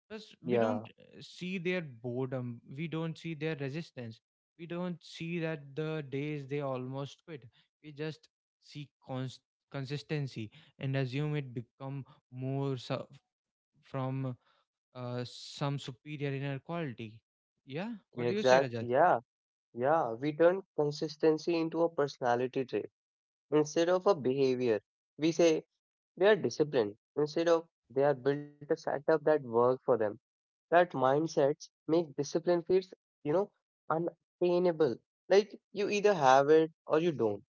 [SPEAKER 2] Plus we
[SPEAKER 1] yeah
[SPEAKER 2] don't see their boredom, we don't see their resistance, we don't see that the days they almost quit. We just seek consistency and assume it become more su- from some superior inner quality. Yeah,
[SPEAKER 1] yeah,
[SPEAKER 2] what do you say,
[SPEAKER 1] exact
[SPEAKER 2] Rajat?
[SPEAKER 1] yeah yeah we turn consistency into a personality trait instead of a behavior. We say they are disciplined instead of they are built a setup that works for them. That mindsets make discipline feels, you know, unattainable. Like you either have it or you don't.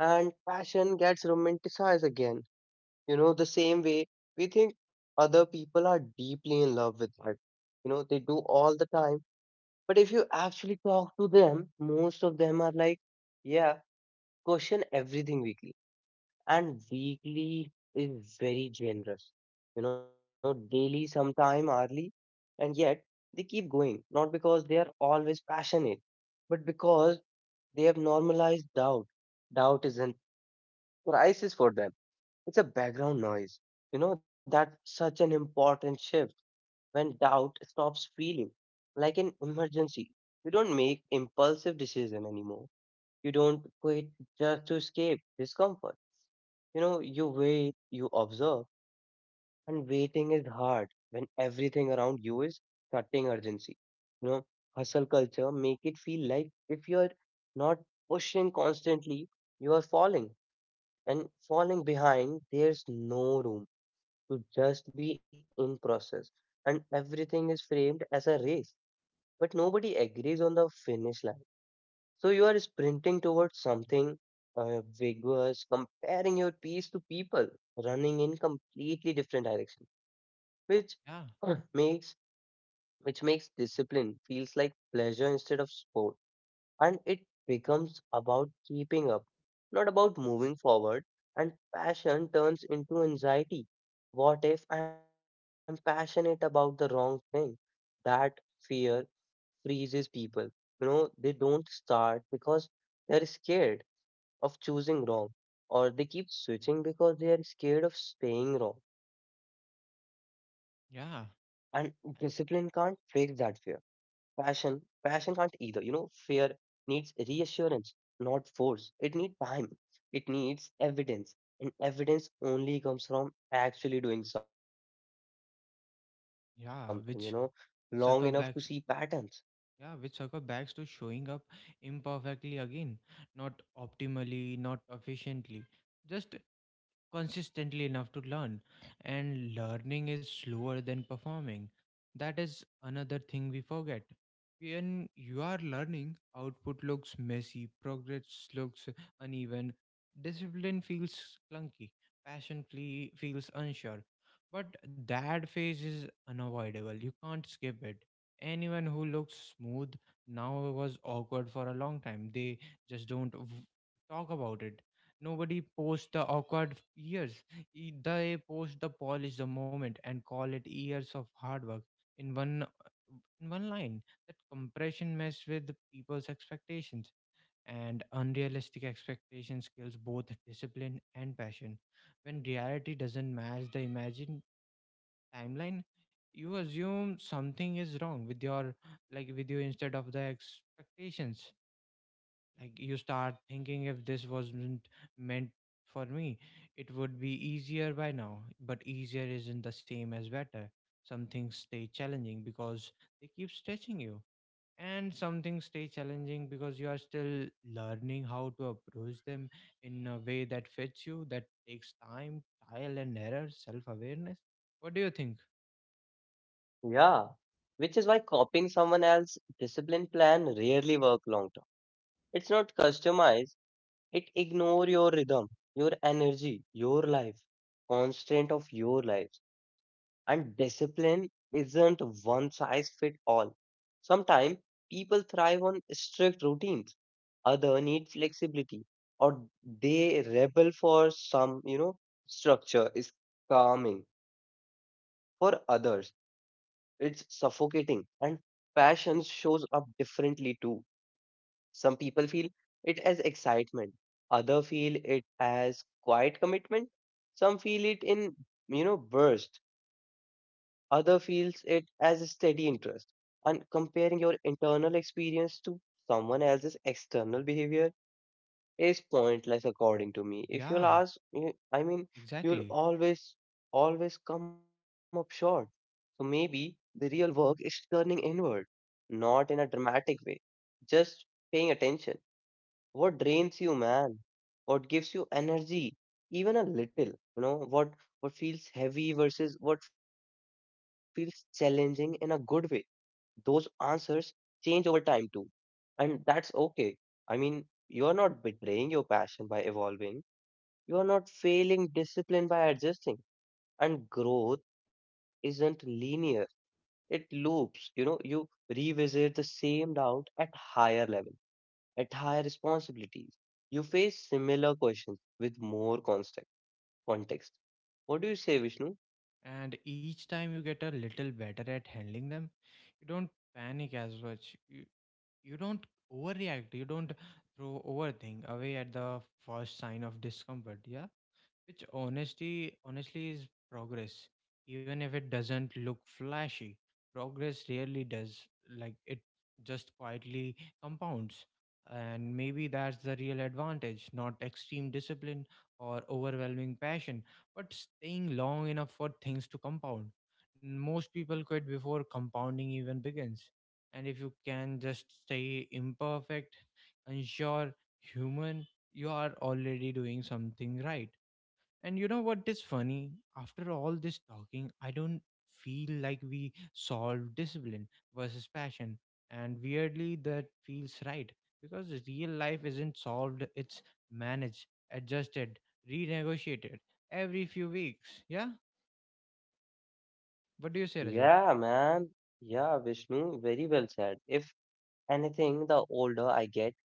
[SPEAKER 1] And passion gets romanticized again. You know, the same way we think other people are deeply in love with art. You know, they do all the time. But if you actually talk to them, most of them are like, yeah, question everything weekly. And weekly is very generous. You know, daily, sometime hourly and yet they keep going, not because they are always passionate, but because they have normalized doubt. Doubt isn't crisis for them, it's a background noise. You know, that's such an important shift when doubt stops feeling like an emergency. You don't make impulsive decision anymore. You don't quit just to escape discomfort. You know, you wait, you observe and waiting is hard when everything around you is cutting urgency. You know, hustle culture make it feel like if you're not pushing constantly, you are falling. And falling behind, there's no room to just be in process. And everything is framed as a race, but nobody agrees on the finish line. So you are sprinting towards something vigorous, comparing your pace to people running in completely different direction, which
[SPEAKER 2] yeah
[SPEAKER 1] makes which makes discipline feels like pleasure instead of sport, and it becomes about keeping up, not about moving forward. And passion turns into anxiety. What if I'm passionate about the wrong thing? That fear freezes people. You know, they don't start because they are scared of choosing wrong, or they keep switching because they are scared of staying wrong. And discipline can't
[SPEAKER 2] yeah
[SPEAKER 1] fix that fear. Passion, passion can't either. You know, fear needs reassurance, not force. It needs time. It needs evidence. And evidence only comes from actually doing something, you know, long enough to see
[SPEAKER 2] yeah
[SPEAKER 1] patterns.
[SPEAKER 2] which circle backs yeah, which circle backs to showing up imperfectly again, not optimally, not efficiently, just consistently enough to learn. And learning is slower than performing. That is another thing we forget. When you are learning, output looks messy, progress looks uneven, discipline feels clunky, passion feels unsure. But that phase is unavoidable, you can't skip it. Anyone who looks smooth now was awkward for a long time, they just don't v- talk about it. Nobody posts the awkward years. They post the polish the moment and call it years of hard work in one in one line. That compression mess with people's expectations, and unrealistic expectations kills both discipline and passion. When reality doesn't match the imagined timeline, you assume something is wrong with your, like, with you instead of the expectations. Like you start thinking if this wasn't meant for me, it would be easier by now. But easier isn't the same as better. Some things stay challenging because they keep stretching you, and some things stay challenging because you are still learning how to approach them in a way that fits you. That takes time, trial and error, self awareness. What do you think?
[SPEAKER 1] Yeah, which is why copying someone else's discipline plan rarely work long term. It's not customized, it ignore your rhythm, your energy, your life, constraint of your life. And discipline isn't one size fit all. Sometimes people thrive on strict routines, other need flexibility, or they rebel for some, you know, structure is calming for others. It's suffocating. And passion shows up differently too. Some people feel it as excitement, other feel it as quiet commitment, some feel it in, you know, burst, other feels it as a steady interest. And comparing your internal experience to someone else's external behavior is pointless according to me. If you'll
[SPEAKER 2] Yeah,
[SPEAKER 1] ask, I mean, you'll
[SPEAKER 2] exactly.
[SPEAKER 1] always, always come up short. So maybe the real work is turning inward, not in a dramatic way, just paying attention. What drains you, man? What gives you energy, even a little? You know, what feels heavy versus what feels challenging in a good way, those answers change over time too. And that's okay. I mean, you are not betraying your passion by evolving. You are not failing discipline by adjusting. And growth isn't linear. It loops. You know, you revisit the same doubt at higher level, at higher responsibilities. You face similar questions with more context. Context. What do you say, Vishnu?
[SPEAKER 2] And each time you get a little better at handling them, you don't panic as much, you don't overreact, you don't throw overthink away at the first sign of discomfort, yeah, which honesty honestly is progress. Even if it doesn't look flashy, progress really does. Like it just quietly compounds. And maybe that's the real advantage, not extreme discipline or overwhelming passion, but staying long enough for things to compound. Most people quit before compounding even begins. And if you can just stay imperfect, unsure, human, you are already doing something right. And you know what is funny? After all this talking, I don't feel like we solved discipline versus passion. And weirdly, that feels right because real life isn't solved, it's managed, adjusted, renegotiated every few weeks. Yeah? What do you say, Rajat?
[SPEAKER 1] Yeah, man. Yeah, Vishnu, very well said. If anything, the older I get,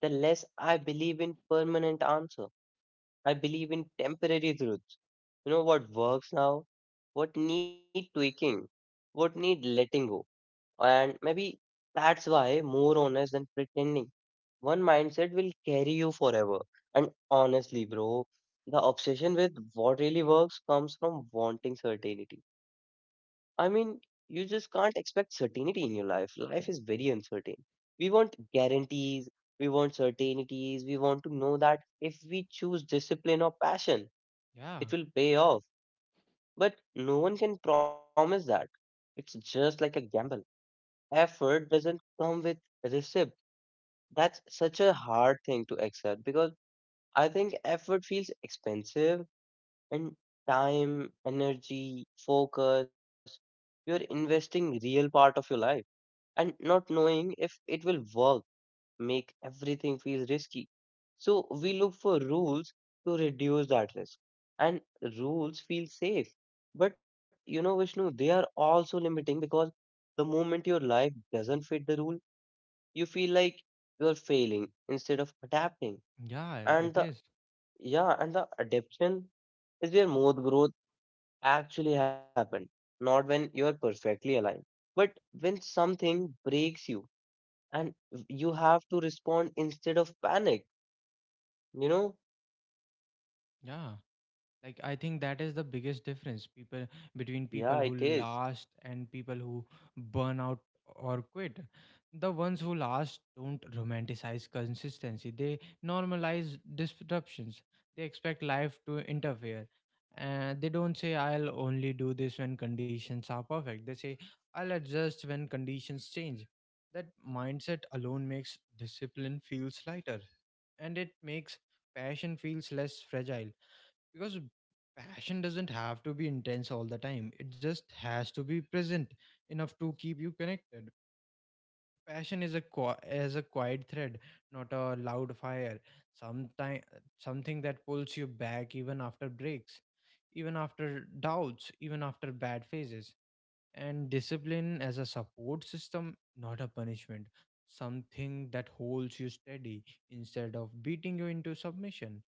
[SPEAKER 1] the less I believe in permanent answer. I believe in temporary truths. You know what works now, what need tweaking, what need letting go. And maybe that's why more honest than pretending. One mindset will carry you forever. And honestly, bro, the obsession with what really works comes from wanting certainty. I mean, you just can't expect certainty in your life. Life is very uncertain. We want guarantees, we want certainties, we want to know that if we choose discipline or passion,
[SPEAKER 2] Yeah.
[SPEAKER 1] it will pay off. But no one can promise that. It's just like a gamble. Effort doesn't come with receipt. That's such a hard thing to accept because I think effort feels expensive and time, energy, focus. You're investing real part of your life and not knowing if it will work make everything feel risky. So we look for rules to reduce that risk, and rules feel safe. But you know, Vishnu, they are also limiting because the moment your life doesn't fit the rule, you feel like you are failing instead of adapting.
[SPEAKER 2] Yeah,
[SPEAKER 1] And
[SPEAKER 2] it
[SPEAKER 1] the
[SPEAKER 2] is.
[SPEAKER 1] yeah, and the adaptation is where most growth actually happened, not when you are perfectly aligned, but when something breaks you and you have to respond instead of panic, you know.
[SPEAKER 2] Yeah. Like, I think that is the biggest difference people,
[SPEAKER 1] Yeah,
[SPEAKER 2] between
[SPEAKER 1] it
[SPEAKER 2] people who
[SPEAKER 1] is.
[SPEAKER 2] last and people who burn out or quit. The ones who last don't romanticize consistency, they normalize disruptions. They expect life to interfere, and they don't say I'll only do this when conditions are perfect, they say I'll adjust when conditions change. That mindset alone makes discipline feels lighter, and it makes passion feels less fragile. Because passion doesn't have to be intense all the time, it just has to be present enough to keep you connected. Passion is a qui- as a quiet thread, not a loud fire. Sometime something that pulls you back, even after breaks, even after doubts, even after bad phases. And discipline as a support system, not a punishment, something that holds you steady instead of beating you into submission.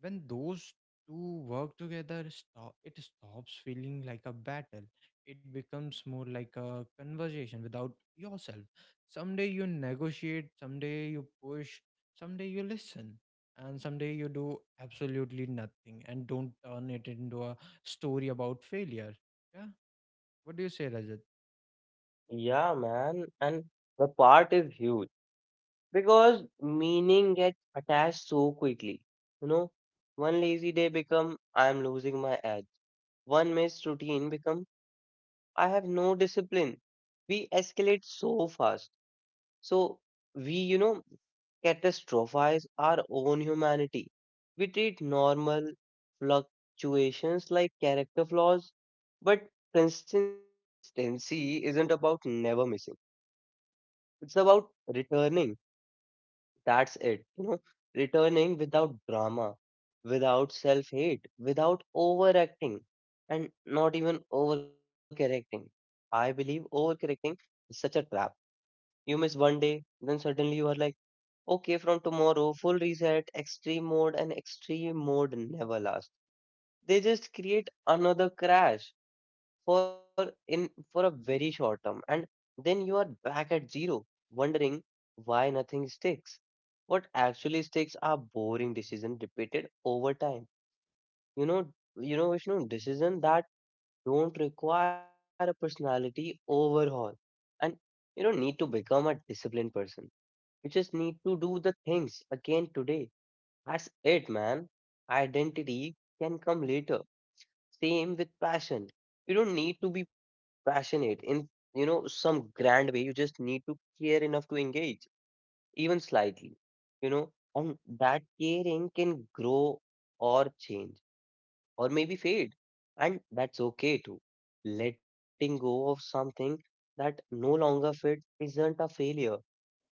[SPEAKER 2] When those two work together, stop, it stops feeling like a battle. It becomes more like a conversation without yourself. Someday you negotiate, someday you push, someday you listen, and someday you do absolutely nothing and don't turn it into a story about failure. Yeah, what do you say, Rajat?
[SPEAKER 1] Yeah, man, and the part is huge because meaning gets attached so quickly. You know, one lazy day become I am losing my edge, one missed routine become I have no discipline. We escalate so fast, so we, you know, catastrophize our own humanity. We treat normal fluctuations like character flaws, but consistency isn't about never missing. It's about returning. That's it. You know, returning without drama, without self hate, without overacting, and not even overcorrecting. I believe overcorrecting is such a trap. You miss one day, then suddenly you are like, okay, from tomorrow, full reset, extreme mode, and extreme mode never lasts. They just create another crash for a very short term, and then you are back at zero, wondering why nothing sticks. What actually sticks are boring decisions repeated over time. You know, you know, Vishnu, decisions that don't require a personality overhaul, and you don't need to become a disciplined person. You just need to do the things again today, that's it, man. Identity can come later. Same with passion. You don't need to be passionate in, you know, some grand way. You just need to care enough to engage, even slightly, you know, and that caring can grow or change or maybe fade. And that's okay too. Letting go of something that no longer fits isn't a failure.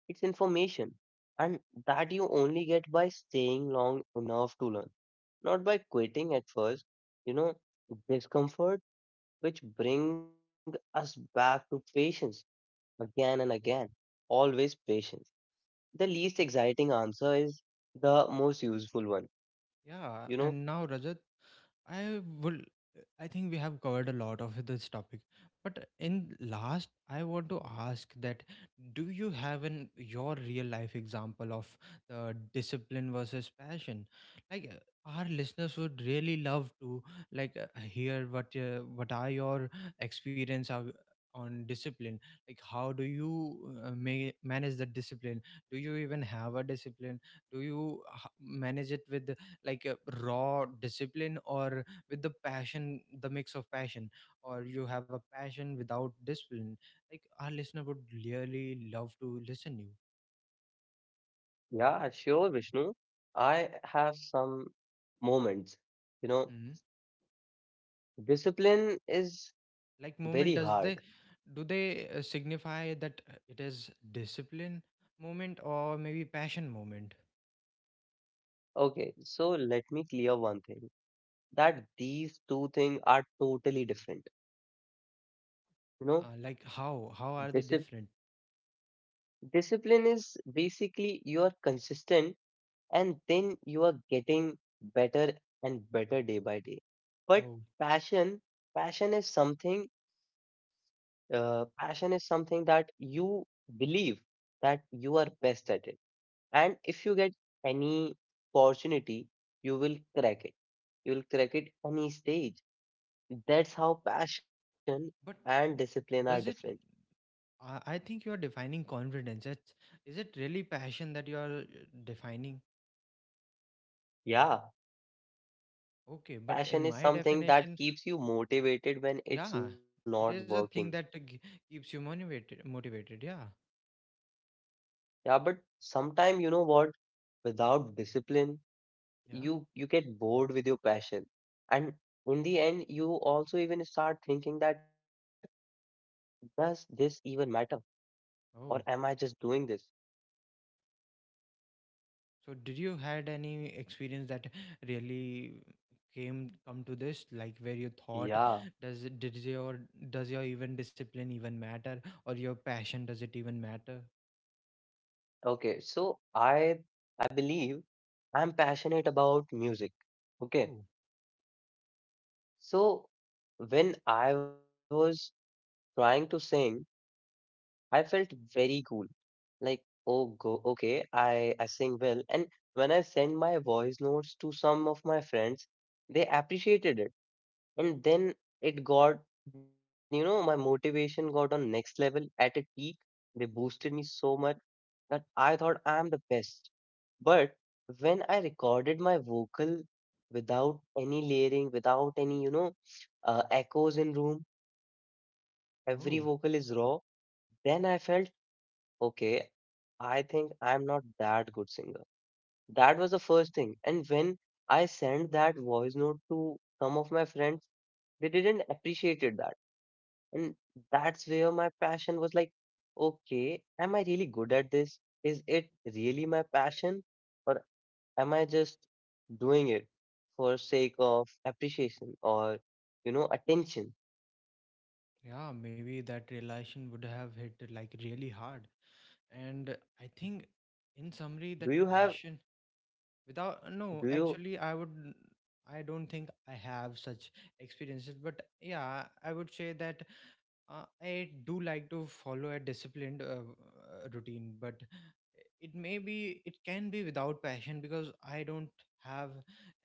[SPEAKER 1] It's information. And that you only get by staying long enough to learn, not by quitting at first, you know, discomfort, which bring us back to patience again and again. Always patience. The least
[SPEAKER 2] Yeah.
[SPEAKER 1] exciting answer is the most useful one.
[SPEAKER 2] Yeah.
[SPEAKER 1] You know,
[SPEAKER 2] And now, Rajat, I would. I think we have covered a lot of this topic, but in last, I want to ask that: do you have in your real life example of the discipline versus passion? Like our listeners would really love to, like, hear what, what are your experience are on discipline? Like how do you manage the discipline? Do you even have a discipline? Do you manage it with like a raw discipline or with the passion, the mix of passion, or you have a passion without discipline? Like our listener would really love to listen you.
[SPEAKER 1] yeah, sure, Vishnu. I have some moments. You know,
[SPEAKER 2] Hmm.
[SPEAKER 1] discipline is very
[SPEAKER 2] Like
[SPEAKER 1] hard.
[SPEAKER 2] movement does, they do they signify that it is discipline moment or maybe passion moment?
[SPEAKER 1] Okay, so let me clear one thing that these two things are totally different. You
[SPEAKER 2] Like how
[SPEAKER 1] know,
[SPEAKER 2] are they different?
[SPEAKER 1] discipline is basically you are consistent and then you are getting better and better day by day. But
[SPEAKER 2] Oh.
[SPEAKER 1] passion, passion is something, passion is something that you believe that you are best at it. And if you get any opportunity, you will crack it. You will crack it any stage. That's how passion and
[SPEAKER 2] But
[SPEAKER 1] discipline are different.
[SPEAKER 2] does it— I think you are defining confidence. It's, is it really passion that you are defining?
[SPEAKER 1] Yeah.
[SPEAKER 2] Okay, but in
[SPEAKER 1] Passion is
[SPEAKER 2] my
[SPEAKER 1] something that
[SPEAKER 2] definition,
[SPEAKER 1] keeps you motivated when it's
[SPEAKER 2] yeah,
[SPEAKER 1] not
[SPEAKER 2] it is
[SPEAKER 1] working.
[SPEAKER 2] a thing that keeps you motivated. Motivated, yeah,
[SPEAKER 1] Yeah, but sometime you know what? Without discipline,
[SPEAKER 2] yeah.
[SPEAKER 1] you get bored with your passion. And in the end, you also even start thinking that does this even matter? Or am I
[SPEAKER 2] Oh,
[SPEAKER 1] just doing this?
[SPEAKER 2] so did you had any experience that really came come to this, like where you thought,
[SPEAKER 1] Yeah.
[SPEAKER 2] does it, did your, does your even discipline even matter, or your passion does it even matter?
[SPEAKER 1] Okay. So I believe I'm passionate about music. Okay.
[SPEAKER 2] Oh.
[SPEAKER 1] So when I was trying to sing, I felt very cool. Like, oh, go, okay, I sing well. And when I send my voice notes to some of my friends, they appreciated it. And then it got, you know, my motivation got on next level at a peak. They boosted me so much that I thought I am the best. But when I recorded my vocal without any layering, without any, you know, echoes in room, every
[SPEAKER 2] Oh,
[SPEAKER 1] vocal is raw, then I felt okay, I think I'm not that good singer. That was the first thing. And when I sent that voice note to some of my friends, they didn't appreciate it that. And that's where my passion was like, okay, am I really good at this? Is it really my passion? Or am I just doing it for sake of appreciation or, you know, attention?
[SPEAKER 2] yeah. Maybe that realization would have hit like really hard, and I think, in summary,
[SPEAKER 1] Do
[SPEAKER 2] that
[SPEAKER 1] you have,
[SPEAKER 2] passion— without—
[SPEAKER 1] do
[SPEAKER 2] no,
[SPEAKER 1] you,
[SPEAKER 2] actually, I would. I don't think I have such experiences, but yeah, I would say that I do like to follow a disciplined routine, but it may be, it can be without passion because I don't have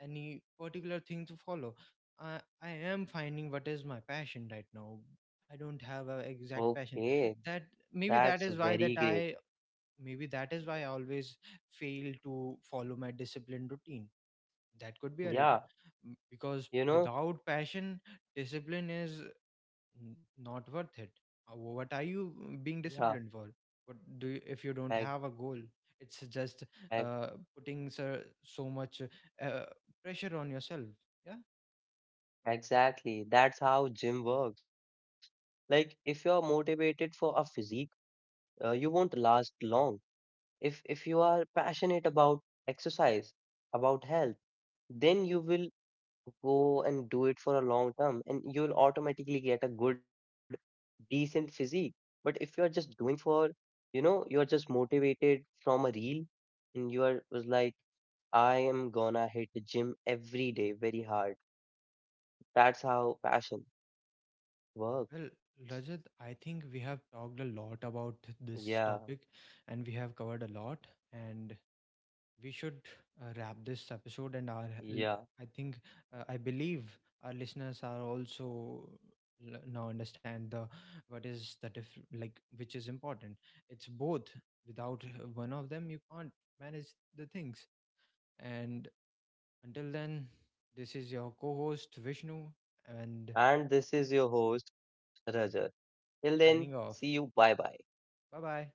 [SPEAKER 2] any particular thing to follow. I am finding what is my passion right now. I don't have an exact passion.
[SPEAKER 1] okay,
[SPEAKER 2] That, maybe
[SPEAKER 1] that's
[SPEAKER 2] that is why
[SPEAKER 1] very
[SPEAKER 2] that
[SPEAKER 1] great.
[SPEAKER 2] I— maybe that is why I always fail to follow my disciplined routine. That could be a it.
[SPEAKER 1] Yeah.
[SPEAKER 2] Because
[SPEAKER 1] You know,
[SPEAKER 2] without passion, discipline is not worth it. What are you
[SPEAKER 1] yeah,
[SPEAKER 2] being disciplined for? What do you, if you
[SPEAKER 1] ex-
[SPEAKER 2] don't have a goal? It's just
[SPEAKER 1] ex-
[SPEAKER 2] uh, putting so, so much uh, pressure on yourself. Yeah.
[SPEAKER 1] exactly. That's how gym works. Like, if you're motivated for a physique, you won't last long. If you are passionate about exercise, about health, then you will go and do it for a long term and you'll automatically get a good decent physique. But if you are just doing for, you know, you are just motivated from a reel and you are was like, I am gonna hit the gym every day very hard. That's how passion
[SPEAKER 2] Well,
[SPEAKER 1] works.
[SPEAKER 2] Rajat, I think we have talked a lot about
[SPEAKER 1] Yeah,
[SPEAKER 2] this topic and we have covered a lot. And we should wrap this episode and our
[SPEAKER 1] yeah,
[SPEAKER 2] I think I believe our listeners are also now understand the what is the diff, like, which is important. It's both, without one of them you can't manage the things. And until then, this is your co-host Vishnu, and
[SPEAKER 1] and this is your host Rajat, till then,
[SPEAKER 2] signing
[SPEAKER 1] see you,
[SPEAKER 2] off.
[SPEAKER 1] bye bye.
[SPEAKER 2] Bye bye.